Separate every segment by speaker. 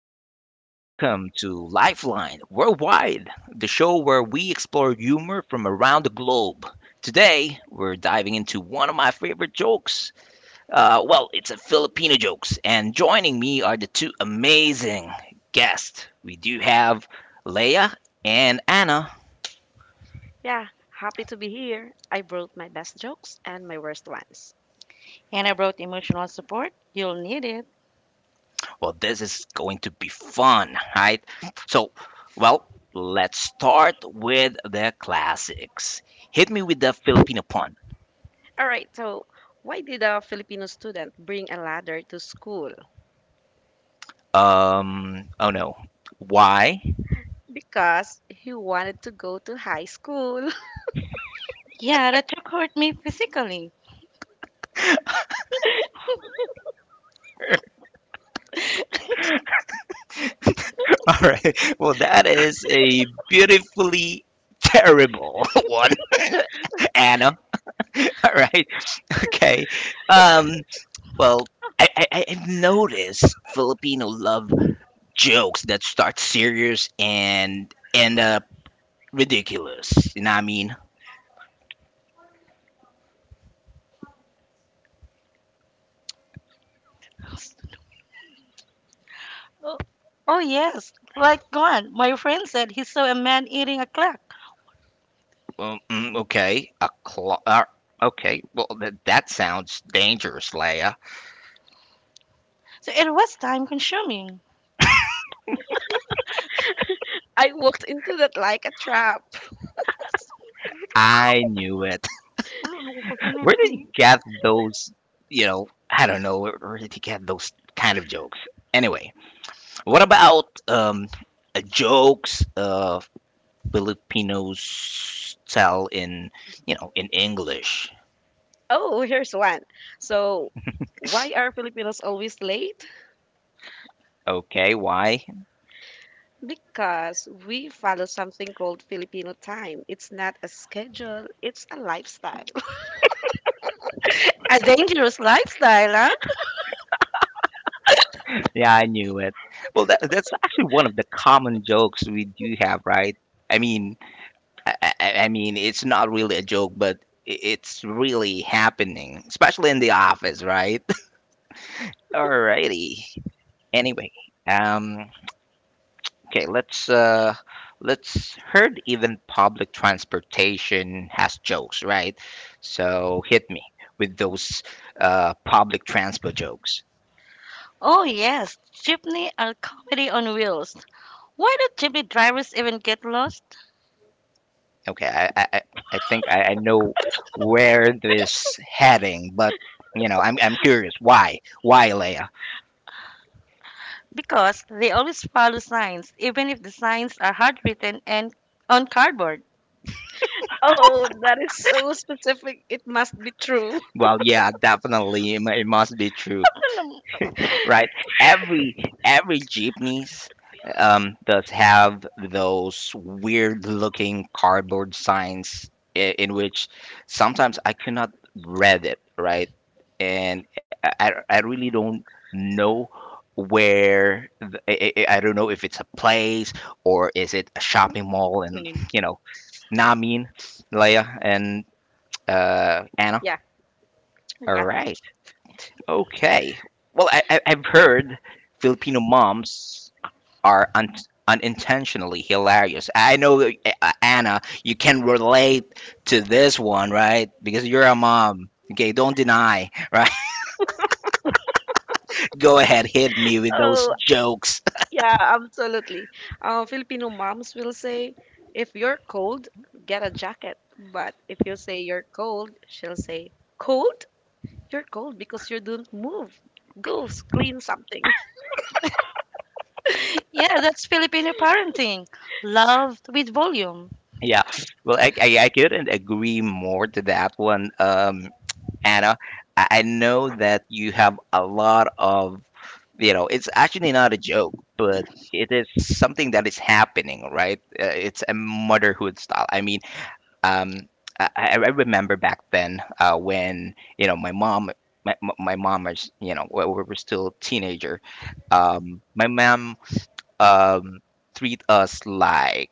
Speaker 1: everyone, and welcome to Lifeline Worldwide, the show where we explore humor from around the globe. Today, we're diving into one of my favorite jokes. It's a Filipino jokes, and joining me are the two amazing guests. We do have Leia and Anna.
Speaker 2: Yeah, happy to be here. I brought my best jokes and my worst ones.
Speaker 3: And I wrote emotional support. You'll need it.
Speaker 1: Well, this is going to be fun, right? So, well, let's start with the classics. Hit me with the Filipino pun.
Speaker 2: All right, so why did a Filipino student bring a ladder to school?
Speaker 1: Oh no. Why?
Speaker 2: Because he wanted to go to high school.
Speaker 3: Yeah, that took hurt me physically.
Speaker 1: All right. Well, that is a beautifully terrible one, Anna. All right. Okay. Um, well, I've noticed Filipino love jokes that start serious and end up ridiculous. You know what I mean?
Speaker 3: Oh yes, like God, my friend said he saw a man eating a clock.
Speaker 1: Okay. A claw. Okay. Well, that sounds dangerous, Leia.
Speaker 3: So it was time consuming.
Speaker 2: I walked into that like a trap.
Speaker 1: I knew it. Where did he get those. I don't know, where did he get those kind of jokes? Anyway, what about jokes Filipinos tell in, you know, in English?
Speaker 2: Oh, here's one. So, why are Filipinos always late?
Speaker 1: Okay, why?
Speaker 2: Because we follow something called Filipino time. It's not a schedule, it's a lifestyle.
Speaker 3: A dangerous lifestyle, huh?
Speaker 1: Yeah, I knew it. Well, that's actually one of the common jokes we do have, right? I mean, I mean, it's not really a joke, but it's really happening, especially in the office, right? Alrighty. Anyway, um, okay, let's heard even public transportation has jokes, right? So hit me with those public transport jokes.
Speaker 3: Oh yes, jeepney are comedy on wheels. Why do jeepney drivers even get lost?
Speaker 1: Okay, I think I know where this heading, but you know, I'm curious why, Leia?
Speaker 3: Because they always follow signs, even if the signs are handwritten and on cardboard.
Speaker 2: Oh, that is so specific. It must be true.
Speaker 1: Well, yeah, definitely, it must be true. Right? Every every jeepneys does have those weird looking cardboard signs in which sometimes I cannot read it, right? And I really don't know where the, I don't know if it's a place or is it a shopping mall and you know Namin, Leia and Anna.
Speaker 2: Yeah.
Speaker 1: All right. Okay. Well, I've heard Filipino moms are unintentionally hilarious. I know, that, Anna, you can relate to this one, right? Because you're a mom. Okay, don't deny, right? Go ahead, hit me with those
Speaker 2: Oh,
Speaker 1: jokes.
Speaker 2: yeah, absolutely. Filipino moms will say, if you're cold, get a jacket. But if you say you're cold, she'll say, cold? You're cold because you don't move. Go clean something.
Speaker 3: Yeah, that's Filipino parenting. Love with volume.
Speaker 1: Yeah. Well, I couldn't agree more to that one. Anna. I know that you have a lot of, you know, it's actually not a joke, but it is something that is happening, right? It's a motherhood style. I mean, um, I remember back then when, you know, my mom, my mom is, you know, we were still teenager. My mom um, treat us like,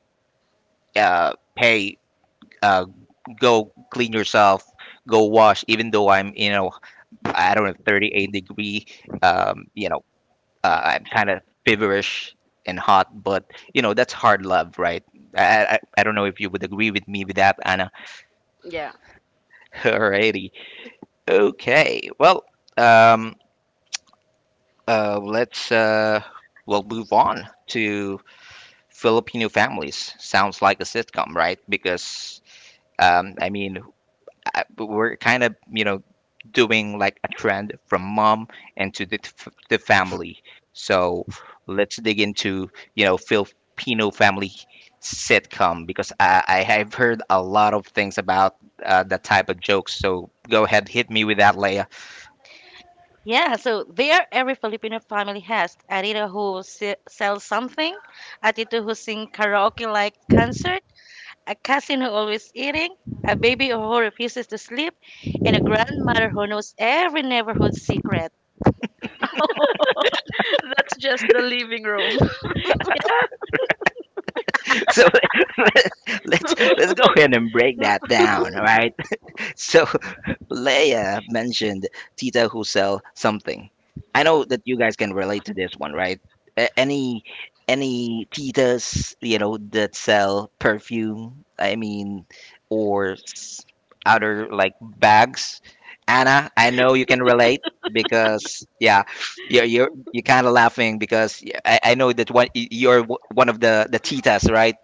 Speaker 1: hey, uh, go clean yourself, go wash, even though I'm, you know, I don't know, 38 degree. You know, I'm kind of feverish and hot, but you know, that's hard love, right? I don't know if you would agree with me with that, Anna.
Speaker 2: Yeah,
Speaker 1: Alrighty. Okay. Well, um, let's we'll move on to Filipino families. Sounds like a sitcom, right? Because I mean, we're kind of you know doing like a trend from mom and to the family, so let's dig into you know Filipino family sitcom because I have heard a lot of things about that type of jokes, so go ahead, hit me with that, Leia.
Speaker 3: Yeah, so there every Filipino family has a who sells something, a tito who sings karaoke like concert, a cousin who always eating, a baby who refuses to sleep, and a grandmother who knows every neighborhood secret.
Speaker 2: that's just the living room.
Speaker 1: So let's go ahead and break that down, all right. So Leia mentioned Tita who sell something. I know that you guys can relate to this one, right? Any titas, you know, that sell perfume, I mean, or s- other like bags. Anna, I know you can relate because yeah, you're kind of laughing because yeah, I know that one one of the titas, right?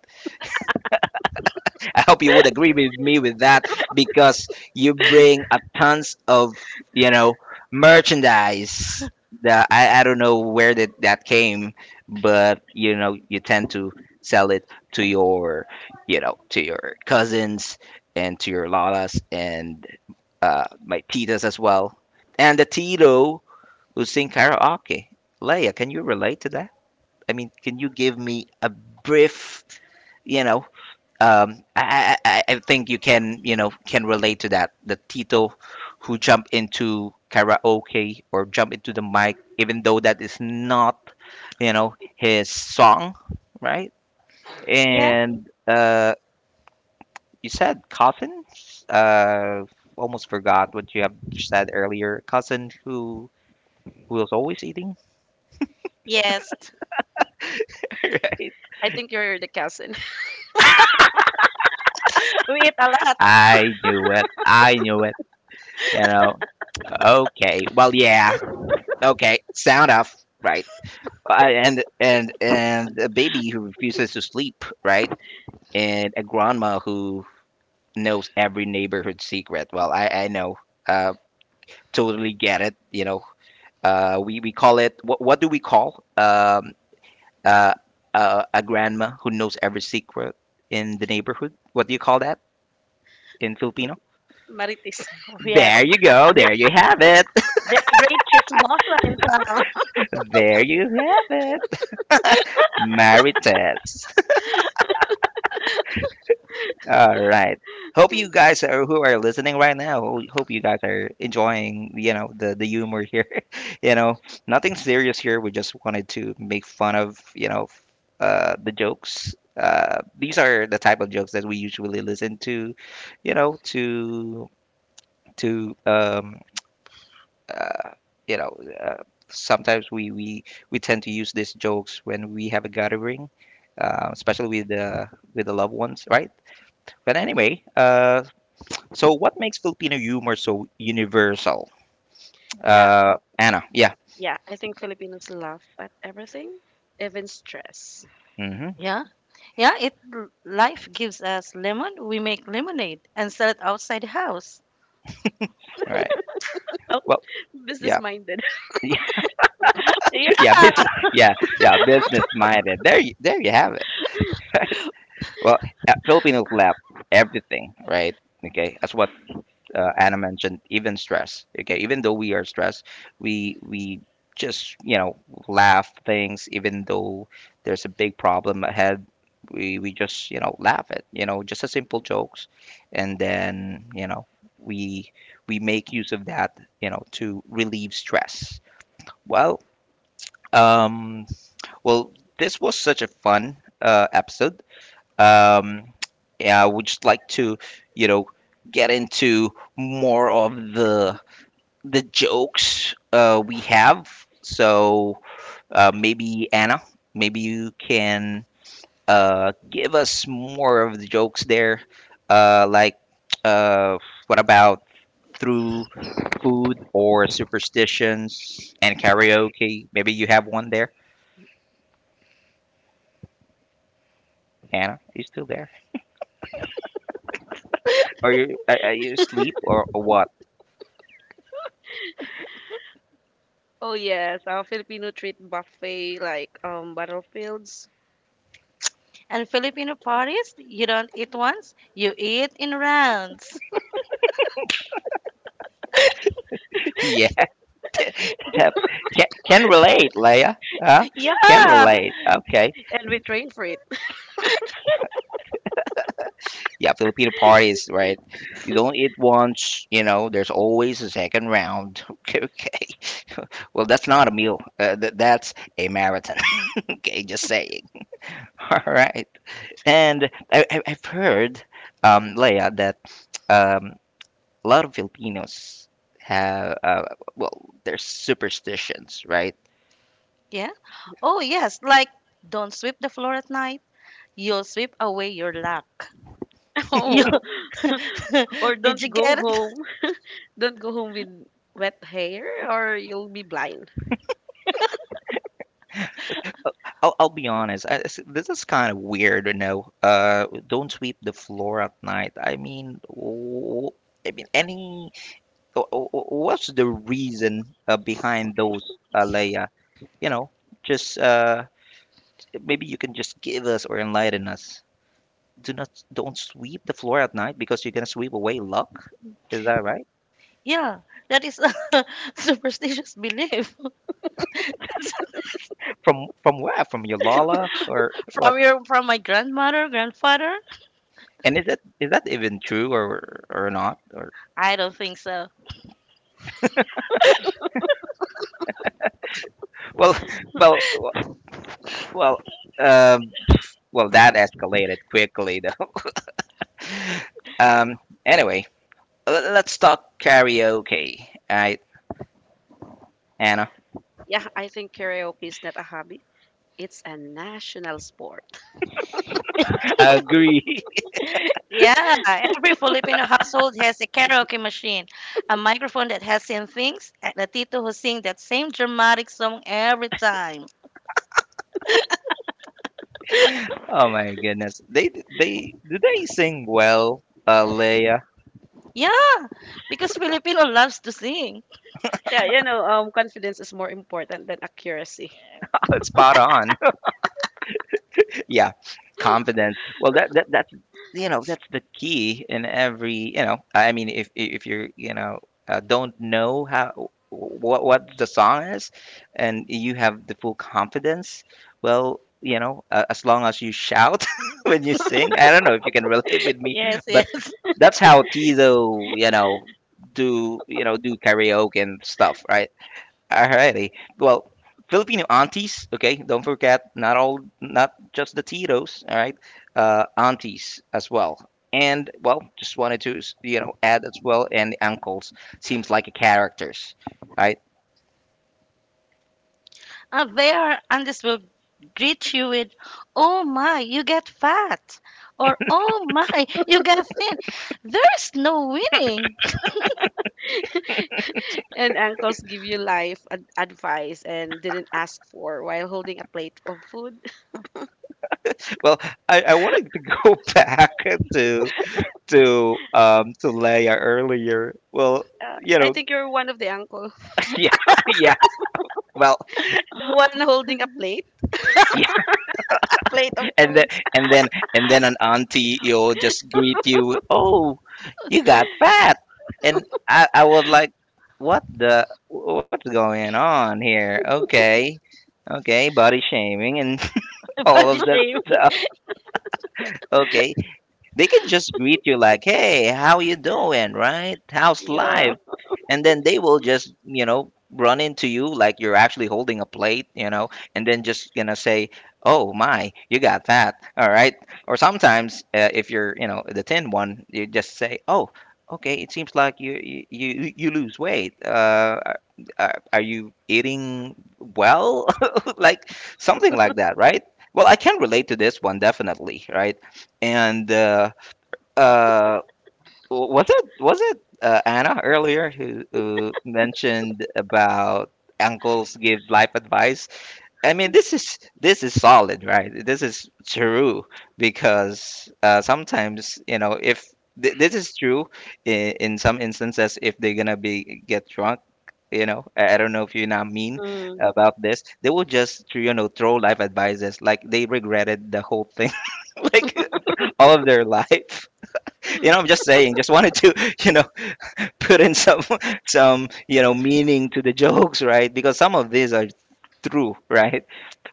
Speaker 1: I hope you would agree with me with that because you bring a tons of you know merchandise. The, I don't know where that came, but you know you tend to sell it to your you know to your cousins and to your lalas and my titas as well, and the tito who sing karaoke. Leia, can you relate to that? I mean, can you give me a brief? You know, I think you can you know can relate to that, the Tito who jump into karaoke or jump into the mic even though that is not you know his song, right?
Speaker 3: Yeah,
Speaker 1: And you said cousin, uh, almost forgot what you have said earlier, cousin who was always eating,
Speaker 3: yes,
Speaker 1: right?
Speaker 2: I think you're the cousin.
Speaker 3: we eat a lot.
Speaker 1: I knew it, I knew it, you know. Okay, well, yeah, okay, sound off, right? I, and a baby who refuses to sleep, right? And a grandma who knows every neighborhood secret. Well, I know, uh, totally get it. You know, we call it, what do we call uh, a grandma who knows every secret in the neighborhood? What do you call that in Filipino?
Speaker 2: Marites.
Speaker 1: There
Speaker 3: Yes,
Speaker 1: you go.
Speaker 3: the
Speaker 1: There you have it.
Speaker 3: the great chismosa in town.
Speaker 1: There you have it. Marites. All right. Hope you guys are, who are listening right now. Hope you guys are enjoying, you know, the humor here. You know, nothing serious here. We just wanted to make fun of, you know, the jokes. These are the type of jokes that we usually listen to, you know, to uh, you know. Uh, sometimes we tend to use these jokes when we have a gathering, especially with the loved ones, right? But anyway, so, what makes Filipino humor so universal?
Speaker 2: Yeah,
Speaker 1: Anna, yeah.
Speaker 2: yeah. I think Filipinos laugh at everything, even stress.
Speaker 1: Mm-hmm.
Speaker 3: Yeah. Yeah, it life gives us lemon, we make lemonade and sell it outside the house.
Speaker 1: All right.
Speaker 3: Oh,
Speaker 1: Well,
Speaker 2: Business
Speaker 1: yeah,
Speaker 2: minded.
Speaker 1: yeah,
Speaker 3: yeah.
Speaker 1: business, yeah, yeah, business minded. There you have it. Well, Filipinos laugh everything, right? Okay, that's what Anna mentioned, even stress. Okay, even though we are stressed, we just you know laugh things. Even though there's a big problem ahead, we just you know laugh at you know just a simple jokes, and then you know we we make use of that you know to relieve stress. Well, um, well, this was such a fun episode. Um, yeah, I would just like to you know get into more of the jokes we have. So maybe Anna, maybe you can give us more of the jokes there. Like, uh, what about through food or superstitions and karaoke? Maybe you have one there. Anna, you still there? Are you asleep or what?
Speaker 2: Oh yes, our Filipino treat buffet like battlefields.
Speaker 3: And Filipino parties, you don't eat once, you eat in rounds.
Speaker 1: Yeah, tap- can relate, Leia. Huh?
Speaker 3: Yeah.
Speaker 1: Can relate. Okay.
Speaker 2: And we train for it.
Speaker 1: Yeah, Filipino parties, right? You don't eat once, you know, there's always a second round. Okay, okay. Well, that's not a meal. That's a marathon. Okay, just saying. All right. And I've heard, Leia, that um, a lot of Filipinos have, there's superstitions, right?
Speaker 3: Yeah. Oh, yes, like don't sweep the floor at night. You'll sweep away your luck. You
Speaker 2: No. Or
Speaker 3: Did you
Speaker 2: don't go
Speaker 3: get it?
Speaker 2: home. Don't go home with wet hair or you'll be blind.
Speaker 1: I'll be honest. I, this is kind of weird, you know. Don't sweep the floor at night. I mean, I mean, any what's the reason behind those, Leia? You know, just maybe you can just give us or enlighten us. Do not Don't sweep the floor at night because you're gonna sweep away luck. Is that right?
Speaker 3: Yeah, that is a superstitious belief.
Speaker 1: From where? From your Lala or what?
Speaker 3: From your from my grandmother, grandfather?
Speaker 1: And is that even true or not? Or
Speaker 3: I don't think so.
Speaker 1: well,
Speaker 2: Hmm.
Speaker 1: well, well, well, um, well, that escalated quickly though. Um, anyway, let's talk karaoke. All right, Anna.
Speaker 2: Yeah, I think karaoke is not a hobby. It's a national sport.
Speaker 1: Agree.
Speaker 3: Yeah, every Filipino household has a karaoke machine, a microphone that has seen things, and a tito who sings that same dramatic song every time.
Speaker 1: Oh my goodness. They do they sing well, Leia?
Speaker 3: Yeah, because Filipino loves to sing.
Speaker 2: Yeah, you know, confidence is more important than accuracy.
Speaker 1: Spot on. Yeah, confidence, well that's you know that's the key in every, you know, I mean, if you're you know don't know how what the song is, and you have the full confidence, well you know as long as you shout when you sing, I don't know if you can relate with me,
Speaker 3: Yes, yes.
Speaker 1: but that's how tito you know do karaoke and stuff, right? Alrighty. Well, Filipino aunties, okay, don't forget, not all, not just the titos, all right, aunties as well. And well, just wanted to, you know, add as well, and the uncles seems like a characters, right?
Speaker 3: Andes will greet you with, "Oh my, you get fat," or "Oh my, you get thin." There's no winning.
Speaker 2: And uncles give you life advice and didn't ask for while holding a plate of food.
Speaker 1: Well, I wanted to go back to to Leia earlier. Well, you
Speaker 2: I
Speaker 1: know,
Speaker 2: think you're one of the uncle,
Speaker 1: yeah, yeah. Well,
Speaker 2: the one holding a plate of
Speaker 1: and then
Speaker 2: food.
Speaker 1: and then an auntie, you'll just greet you, oh, you got fat, and I was like, what's going on here. Okay, okay, body shaming, and
Speaker 3: The
Speaker 1: all
Speaker 3: body
Speaker 1: of that stuff.
Speaker 3: shaming.
Speaker 1: Okay, they can just greet you like, hey, how you doing, right? How's
Speaker 2: Yeah.
Speaker 1: life? And then they will just run into you like you're actually holding a plate. And then just gonna say, oh my, you got that. All right, or sometimes, if you're, the thin one, you just say, oh, okay, it seems like you lose weight. Are you eating well? Like, something like that, right? Well, I can relate to this one definitely, right? And uh, was it Anna earlier, who mentioned about uncles give life advice? I mean, this is solid, right? This is true because, sometimes, if this is true in some instances, if they're gonna be get drunk. I don't know if you're not mean
Speaker 2: Hmm.
Speaker 1: about this. They will just, throw life advices like they regretted the whole thing, like all of their life. I'm just saying, just wanted to put in some some meaning to the jokes, right? Because some of these are true, right?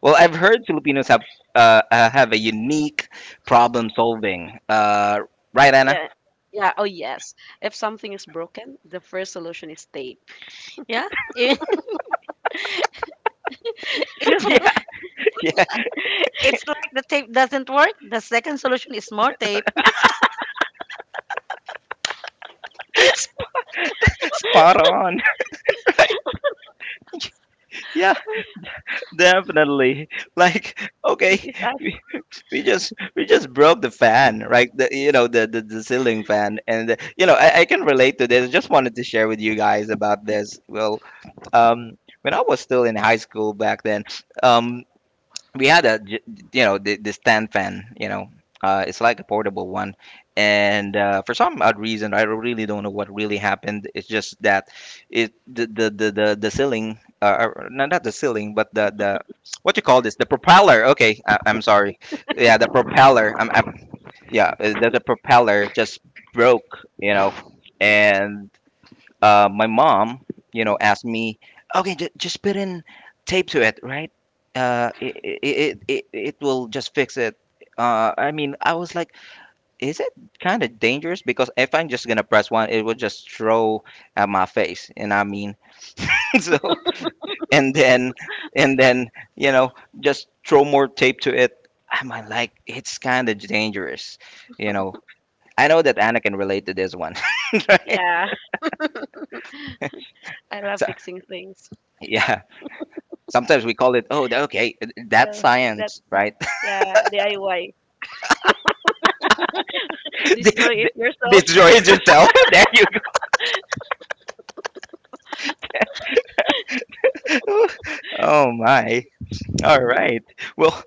Speaker 1: Well, I've heard Filipinos have a unique problem solving, right, Anna?
Speaker 2: Yeah. Yeah. Oh, yes. If something is broken, the first solution is tape.
Speaker 3: Yeah, it's,
Speaker 1: Yeah, yeah.
Speaker 3: it's like the tape doesn't work. The second solution is more tape.
Speaker 1: Spot on. Yeah. Definitely. Like, okay,
Speaker 2: This is us.
Speaker 1: we, we just broke the fan, right? The ceiling fan, and, I can relate to this. I just wanted to share with you guys about this. Well, when I was still in high school back then. um, we had a the stand fan. It's like a portable one. And, for some odd reason, I really don't know what really happened. It's just that it the ceiling, or not the ceiling, but the what you call this, the propeller. Okay, I'm sorry. Yeah, the propeller. I'm yeah. The propeller just broke. And, my mom, asked me, okay, just put in tape to it, right? It, it will just fix it. I mean, I was like, is it kind of dangerous? Because if I'm just gonna press one, it will just throw at my face. And I mean, so, and then just throw more tape to it. I'm like, it's kind of dangerous, you know. I know that Anna can relate to this one, right?
Speaker 2: Yeah. I love
Speaker 1: So,
Speaker 2: fixing things.
Speaker 1: yeah. Sometimes we call it, oh, okay, that's
Speaker 2: Uh, that,
Speaker 1: science, right?
Speaker 2: yeah, DIY. Destroy it yourself.
Speaker 1: Disjoin yourself. There you go. Oh my. All right. Well,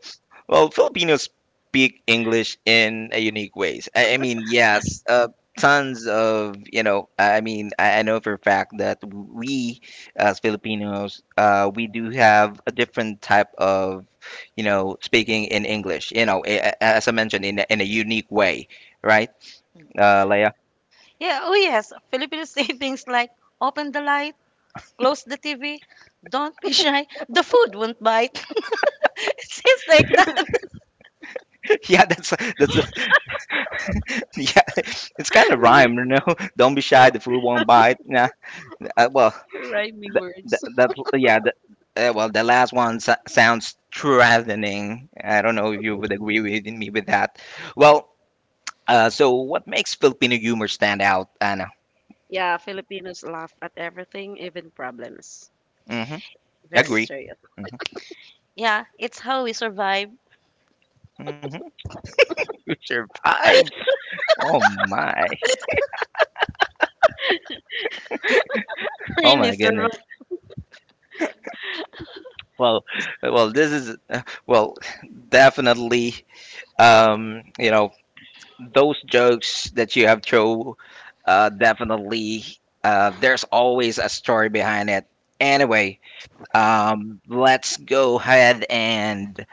Speaker 1: well, Filipinos speak English in a unique ways. I mean, yes, tons of. I mean, I know for a fact that we, as Filipinos, we do have a different type of speaking in English. You know, as I mentioned, in a unique way, right, Leia?
Speaker 3: Yeah, oh yes. Filipinos say things like open the light, close the TV, don't be shy, the food won't bite. It seems like that.
Speaker 1: Yeah, that's a, yeah. It's kind of rhyme, you know. Don't be shy, the food won't bite. Yeah, well,
Speaker 2: Rhyming
Speaker 1: that, that,
Speaker 2: words.
Speaker 1: that yeah, that, well, the last one sounds threatening. I don't know if you would agree with me with that. Well, so what makes Filipino humor stand out, Anna?
Speaker 2: Yeah, Filipinos laugh at everything, even problems.
Speaker 1: Mm-hmm.
Speaker 2: Very
Speaker 3: It's
Speaker 1: Agree.
Speaker 2: serious.
Speaker 1: Mm-hmm.
Speaker 3: Yeah, it's how we survive.
Speaker 1: Mm-hmm. You survived. Oh my. Oh
Speaker 3: Really
Speaker 1: my goodness.
Speaker 3: survive.
Speaker 1: Well, well, this is, well, definitely. You know, those jokes that you have throw, definitely, there's always a story behind it anyway. Let's go ahead and,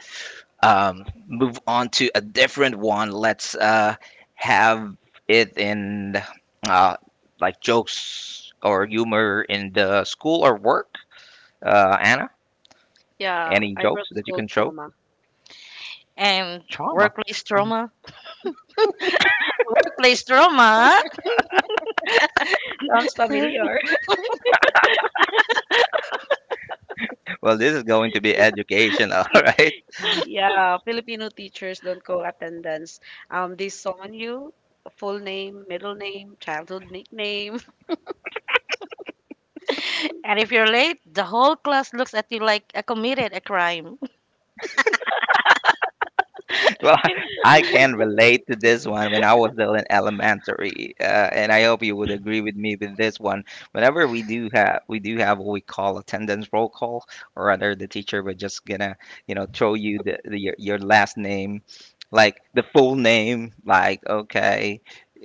Speaker 1: move on to a different one. Let's, have it in, uh, like jokes or humor in the school or work, Anna.
Speaker 2: Yeah,
Speaker 1: Any
Speaker 2: I
Speaker 1: jokes
Speaker 2: brought
Speaker 1: that you
Speaker 2: school
Speaker 1: can throw?
Speaker 2: trauma.
Speaker 3: And
Speaker 1: Trauma.
Speaker 3: workplace trauma. Workplace trauma.
Speaker 2: Sounds
Speaker 3: And
Speaker 2: familiar.
Speaker 1: Well, this is going to be education. All right.
Speaker 2: Yeah, Filipino teachers don't call attendance. They summon you, full name, middle name, childhood nickname.
Speaker 3: if you're late, the whole class looks at you like I committed a crime.
Speaker 1: Well, I can relate to this one when I was still in elementary, and I hope you would agree with me with this one. Whenever we do have, what we call attendance roll call, or rather the teacher would just gonna throw you the your last name, like the full name, like okay,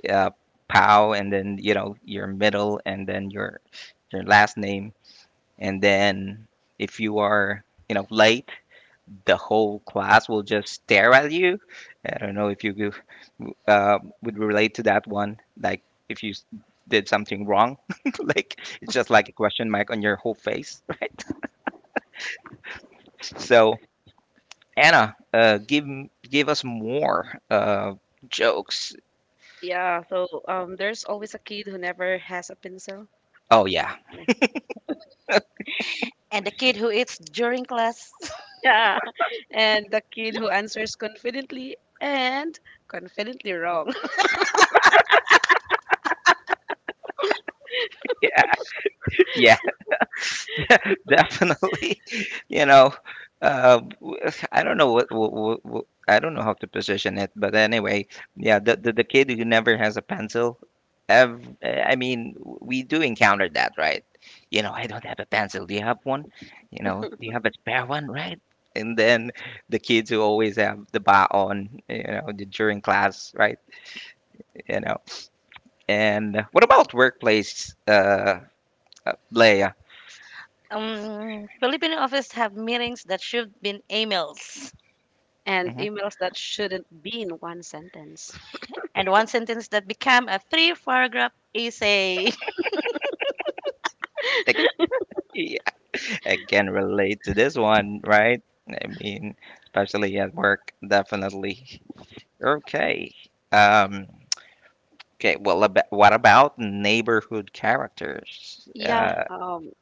Speaker 1: uh, Pow, and then you know your middle, and then your last name, and then if you are, late, the whole class will just stare at you. I don't know if you would relate to that one. Like, if you did something wrong, like it's just like a question mark on your whole face, right? So Anna, give us more, jokes.
Speaker 2: Yeah, so there's always a kid who never has a pencil.
Speaker 1: Oh yeah,
Speaker 2: Yeah.
Speaker 3: And the kid who eats during class.
Speaker 2: Yeah. And the kid who answers confidently and confidently wrong.
Speaker 1: yeah, yeah. Definitely. You know, uh, w- I don't know what I don't know how to position it, but anyway, yeah, the kid who never has a pencil. I mean, we do encounter that, right? You know, I don't have a pencil, do you have one? You know, do you have a spare one, right? And then the kids who always have the ba on, you know, during class, right? You know, and what about workplace, Leia?
Speaker 3: Filipino office have meetings that should been emails.
Speaker 2: And
Speaker 1: Mhm.
Speaker 2: emails that shouldn't be in one sentence.
Speaker 3: And one sentence that become a three paragraph essay.
Speaker 1: Like, again, relate to this one, right? I mean, especially at work, definitely. Okay. Um, okay. Well, what about neighborhood characters?
Speaker 2: Yeah.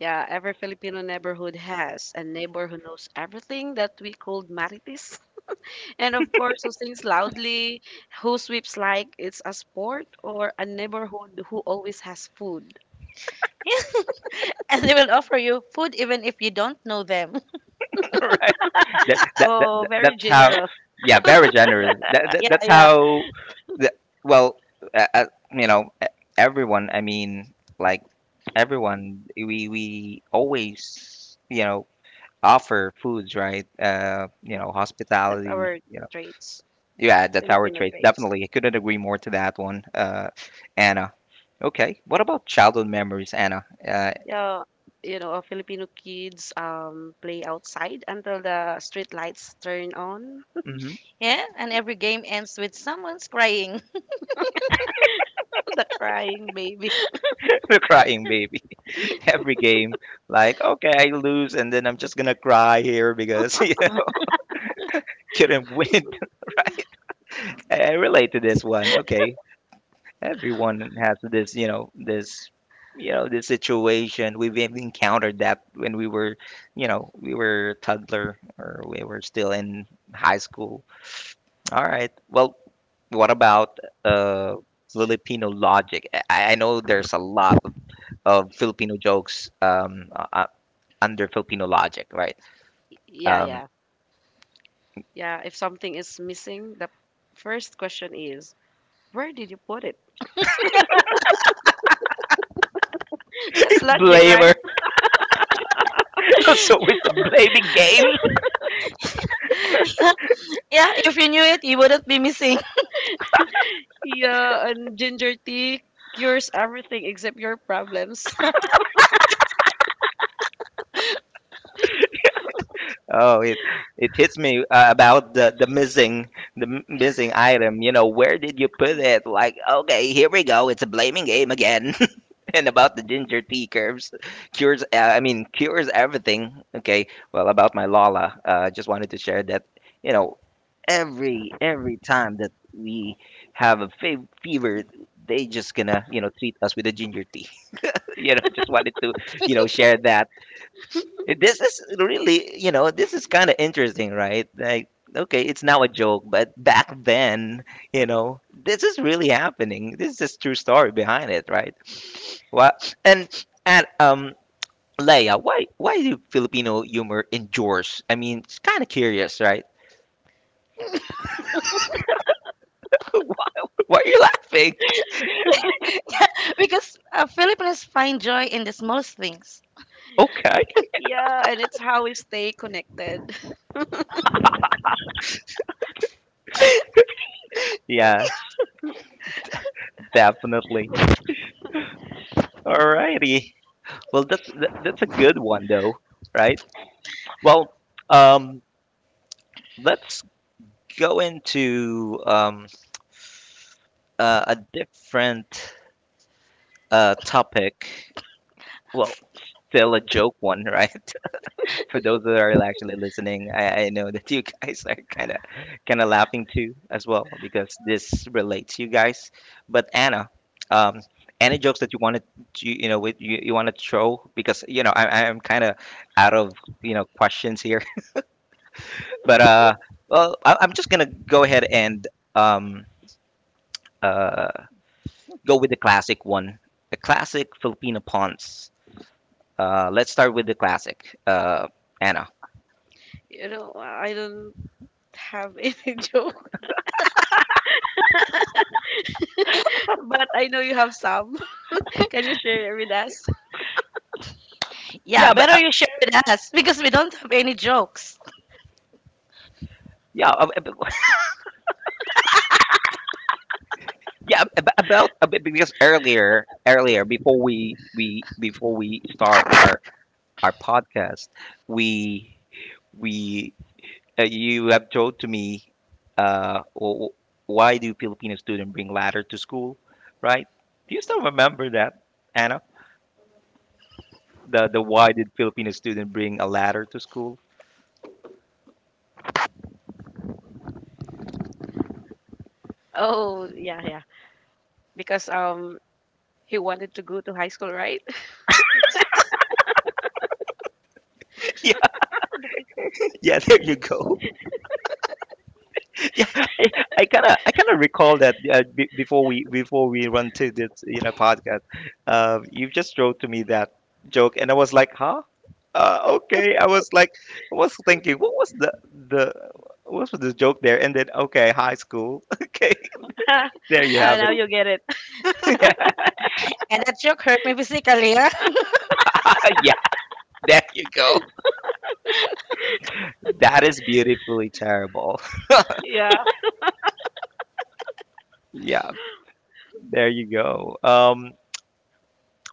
Speaker 2: Yeah, every Filipino neighborhood has a neighbor who knows everything that we called marites. And of course, who sings loudly, who sweeps like it's a sport, or a neighborhood who always has food.
Speaker 3: And they will offer you food even if you don't know them.
Speaker 1: right.
Speaker 2: Oh, very
Speaker 1: That's how.
Speaker 2: generous.
Speaker 1: Yeah, very generous.
Speaker 3: Yeah,
Speaker 1: That's
Speaker 3: yeah.
Speaker 1: how. That, well, uh, uh, you know, everyone. I mean, like, everyone. We always, you know, offer foods, right? You
Speaker 2: Yeah,
Speaker 1: know,
Speaker 2: that's
Speaker 1: hospitality.
Speaker 2: our traits.
Speaker 1: Yeah, that's our
Speaker 2: Filipino
Speaker 1: traits.
Speaker 2: traits.
Speaker 1: Definitely. I couldn't agree more to that one, Anna. Okay. What about childhood memories, Anna?
Speaker 2: Yeah, you know, Filipino kids play outside until the street lights turn on.
Speaker 1: Hmm.
Speaker 3: Yeah, and every game ends with someone's crying.
Speaker 2: The crying baby.
Speaker 1: The crying baby. Every game, like, okay, I lose, and then I'm just gonna cry here because, you know, couldn't win, right? I relate to this one. Okay. Everyone has this, you know, this, you know, this situation. We've encountered that when we were, you know, we were toddler or we were still in high school. All right. Well, what about, Filipino logic? I know there's a lot of Filipino jokes, under Filipino logic, right?
Speaker 2: Yeah,
Speaker 1: Um,
Speaker 2: yeah. Yeah, if something is missing, the first question is, where did you put it? That's logic, right?
Speaker 1: blamer. So it's a blaming game.
Speaker 3: Yeah, yeah, if you knew it, you wouldn't be missing.
Speaker 2: Yeah, and ginger tea cures everything except your problems.
Speaker 1: Oh, it hits me, about the missing, the missing item. You know, where did you put it? Like, okay, here we go. It's a blaming game again. And about the ginger tea curves, cures. I mean, cures everything. Okay. Well, about my Lala, just wanted to share that. You know, every time that we have a fever, they just gonna treat us with a ginger tea. Just wanted to share that. This is really, this is kind of interesting, right? Like, okay, it's now a joke, but back then, you know, this is really happening. This is a true story behind it, right? What and Leia, why do Filipino humor endures? I mean, it's kind of curious, right? Why, are you laughing?
Speaker 3: Yeah, because Filipinos find joy in the smallest things.
Speaker 1: Okay.
Speaker 2: Yeah, and it's how we stay connected.
Speaker 1: Yeah, definitely. Alrighty. Well, that's a good one though, right? Well, um, let's go into, a different, topic. Well, still a joke one, right? For those that are actually listening, I know that you guys are kind of laughing too as well because this relates to you guys. But Anna, um, any jokes that you wanted to, you know with you want to throw, because you know I'm kind of out of you know questions here. But, well, I'm just gonna go ahead and, um, uh, go with the classic one. The classic Filipino punts. Let's start with the classic. Anna.
Speaker 2: You know, I don't have any joke, but I know you have some. Can you share it with us?
Speaker 3: Yeah,
Speaker 1: Yeah, but,
Speaker 3: better you share with us because we don't have any jokes.
Speaker 1: yeah, yeah. About a bit because earlier, before we before we start our podcast, we we you have told to me, uh, wh- wh- why do Filipino students bring ladder to school, right? Do you still remember that, Anna? The why did Filipino student bring a ladder to school?
Speaker 2: Oh, yeah, yeah. Because he wanted to go to high school, right?
Speaker 1: Yeah, there you go. Yeah, I kind of I kind of recall that, before we run to this you know podcast, you just wrote to me that joke, and I was like, huh. Okay, I was like, I was thinking, what was the what was the joke there, and then, okay, high school. Okay,
Speaker 2: uh,
Speaker 1: there you have
Speaker 2: Now
Speaker 1: it.
Speaker 2: you get it.
Speaker 1: Yeah.
Speaker 3: And that joke hurt me physically. Yeah.
Speaker 1: Yeah, there you go. That is beautifully terrible.
Speaker 2: Yeah.
Speaker 1: Yeah, there you go. Um,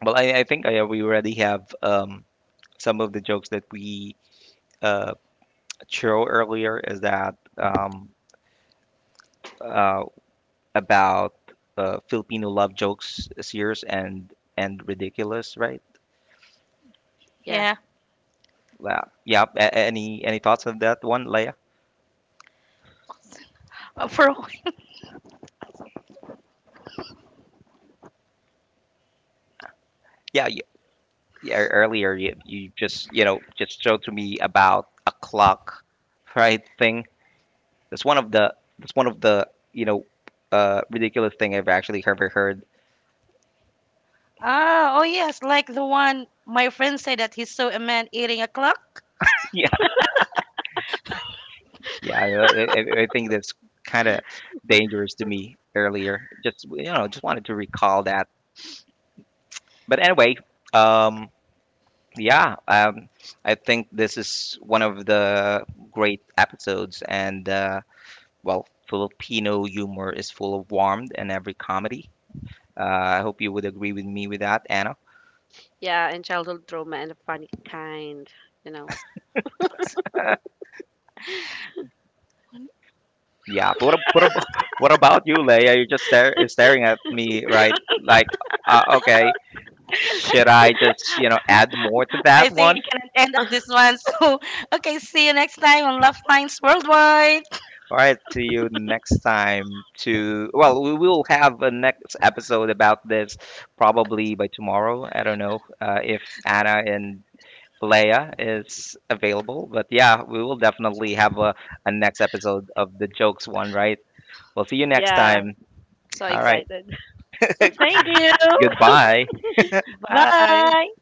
Speaker 1: well I think, we already have, um, some of the jokes that we, uh, Chiro earlier, is that, uh, about, Filipino love jokes serious and ridiculous, right?
Speaker 2: Yeah.
Speaker 3: Yeah.
Speaker 1: Yeah. Yeah. Any thoughts on that one, Leia?
Speaker 3: For
Speaker 1: Yeah. y yeah, earlier, you just just showed to me about a clock, right? Thing. That's one of the you know, ridiculous thing I've actually ever heard.
Speaker 3: Ah, oh yes, like the one my friend said that he saw a man eating a clock.
Speaker 1: Yeah, I think that's kind of dangerous to me earlier. Just, just wanted to recall that. But anyway, um, yeah, I think this is one of the great episodes, and, well, Filipino humor is full of warmth in every comedy. Uh, I hope you would agree with me with that, Anna.
Speaker 2: Yeah, and childhood trauma and a funny kind, you know.
Speaker 1: Yeah, but what about you, Leia? You're just stare, staring at me, right? Like, okay, should I just add more to
Speaker 3: I
Speaker 1: that
Speaker 3: think we
Speaker 1: one?
Speaker 3: can end up this one. So, okay, see you next time on Love Lines Worldwide.
Speaker 1: All right, to you next time. To well, we will have a next episode about this probably by tomorrow. I don't know, if Anna and Leia is available, but yeah, we will definitely have a next episode of the jokes one, right? We'll see you next
Speaker 2: Yeah.
Speaker 1: time.
Speaker 2: So
Speaker 1: All right,
Speaker 2: excited.
Speaker 3: Thank you.
Speaker 1: goodbye.
Speaker 2: Bye.
Speaker 3: Bye.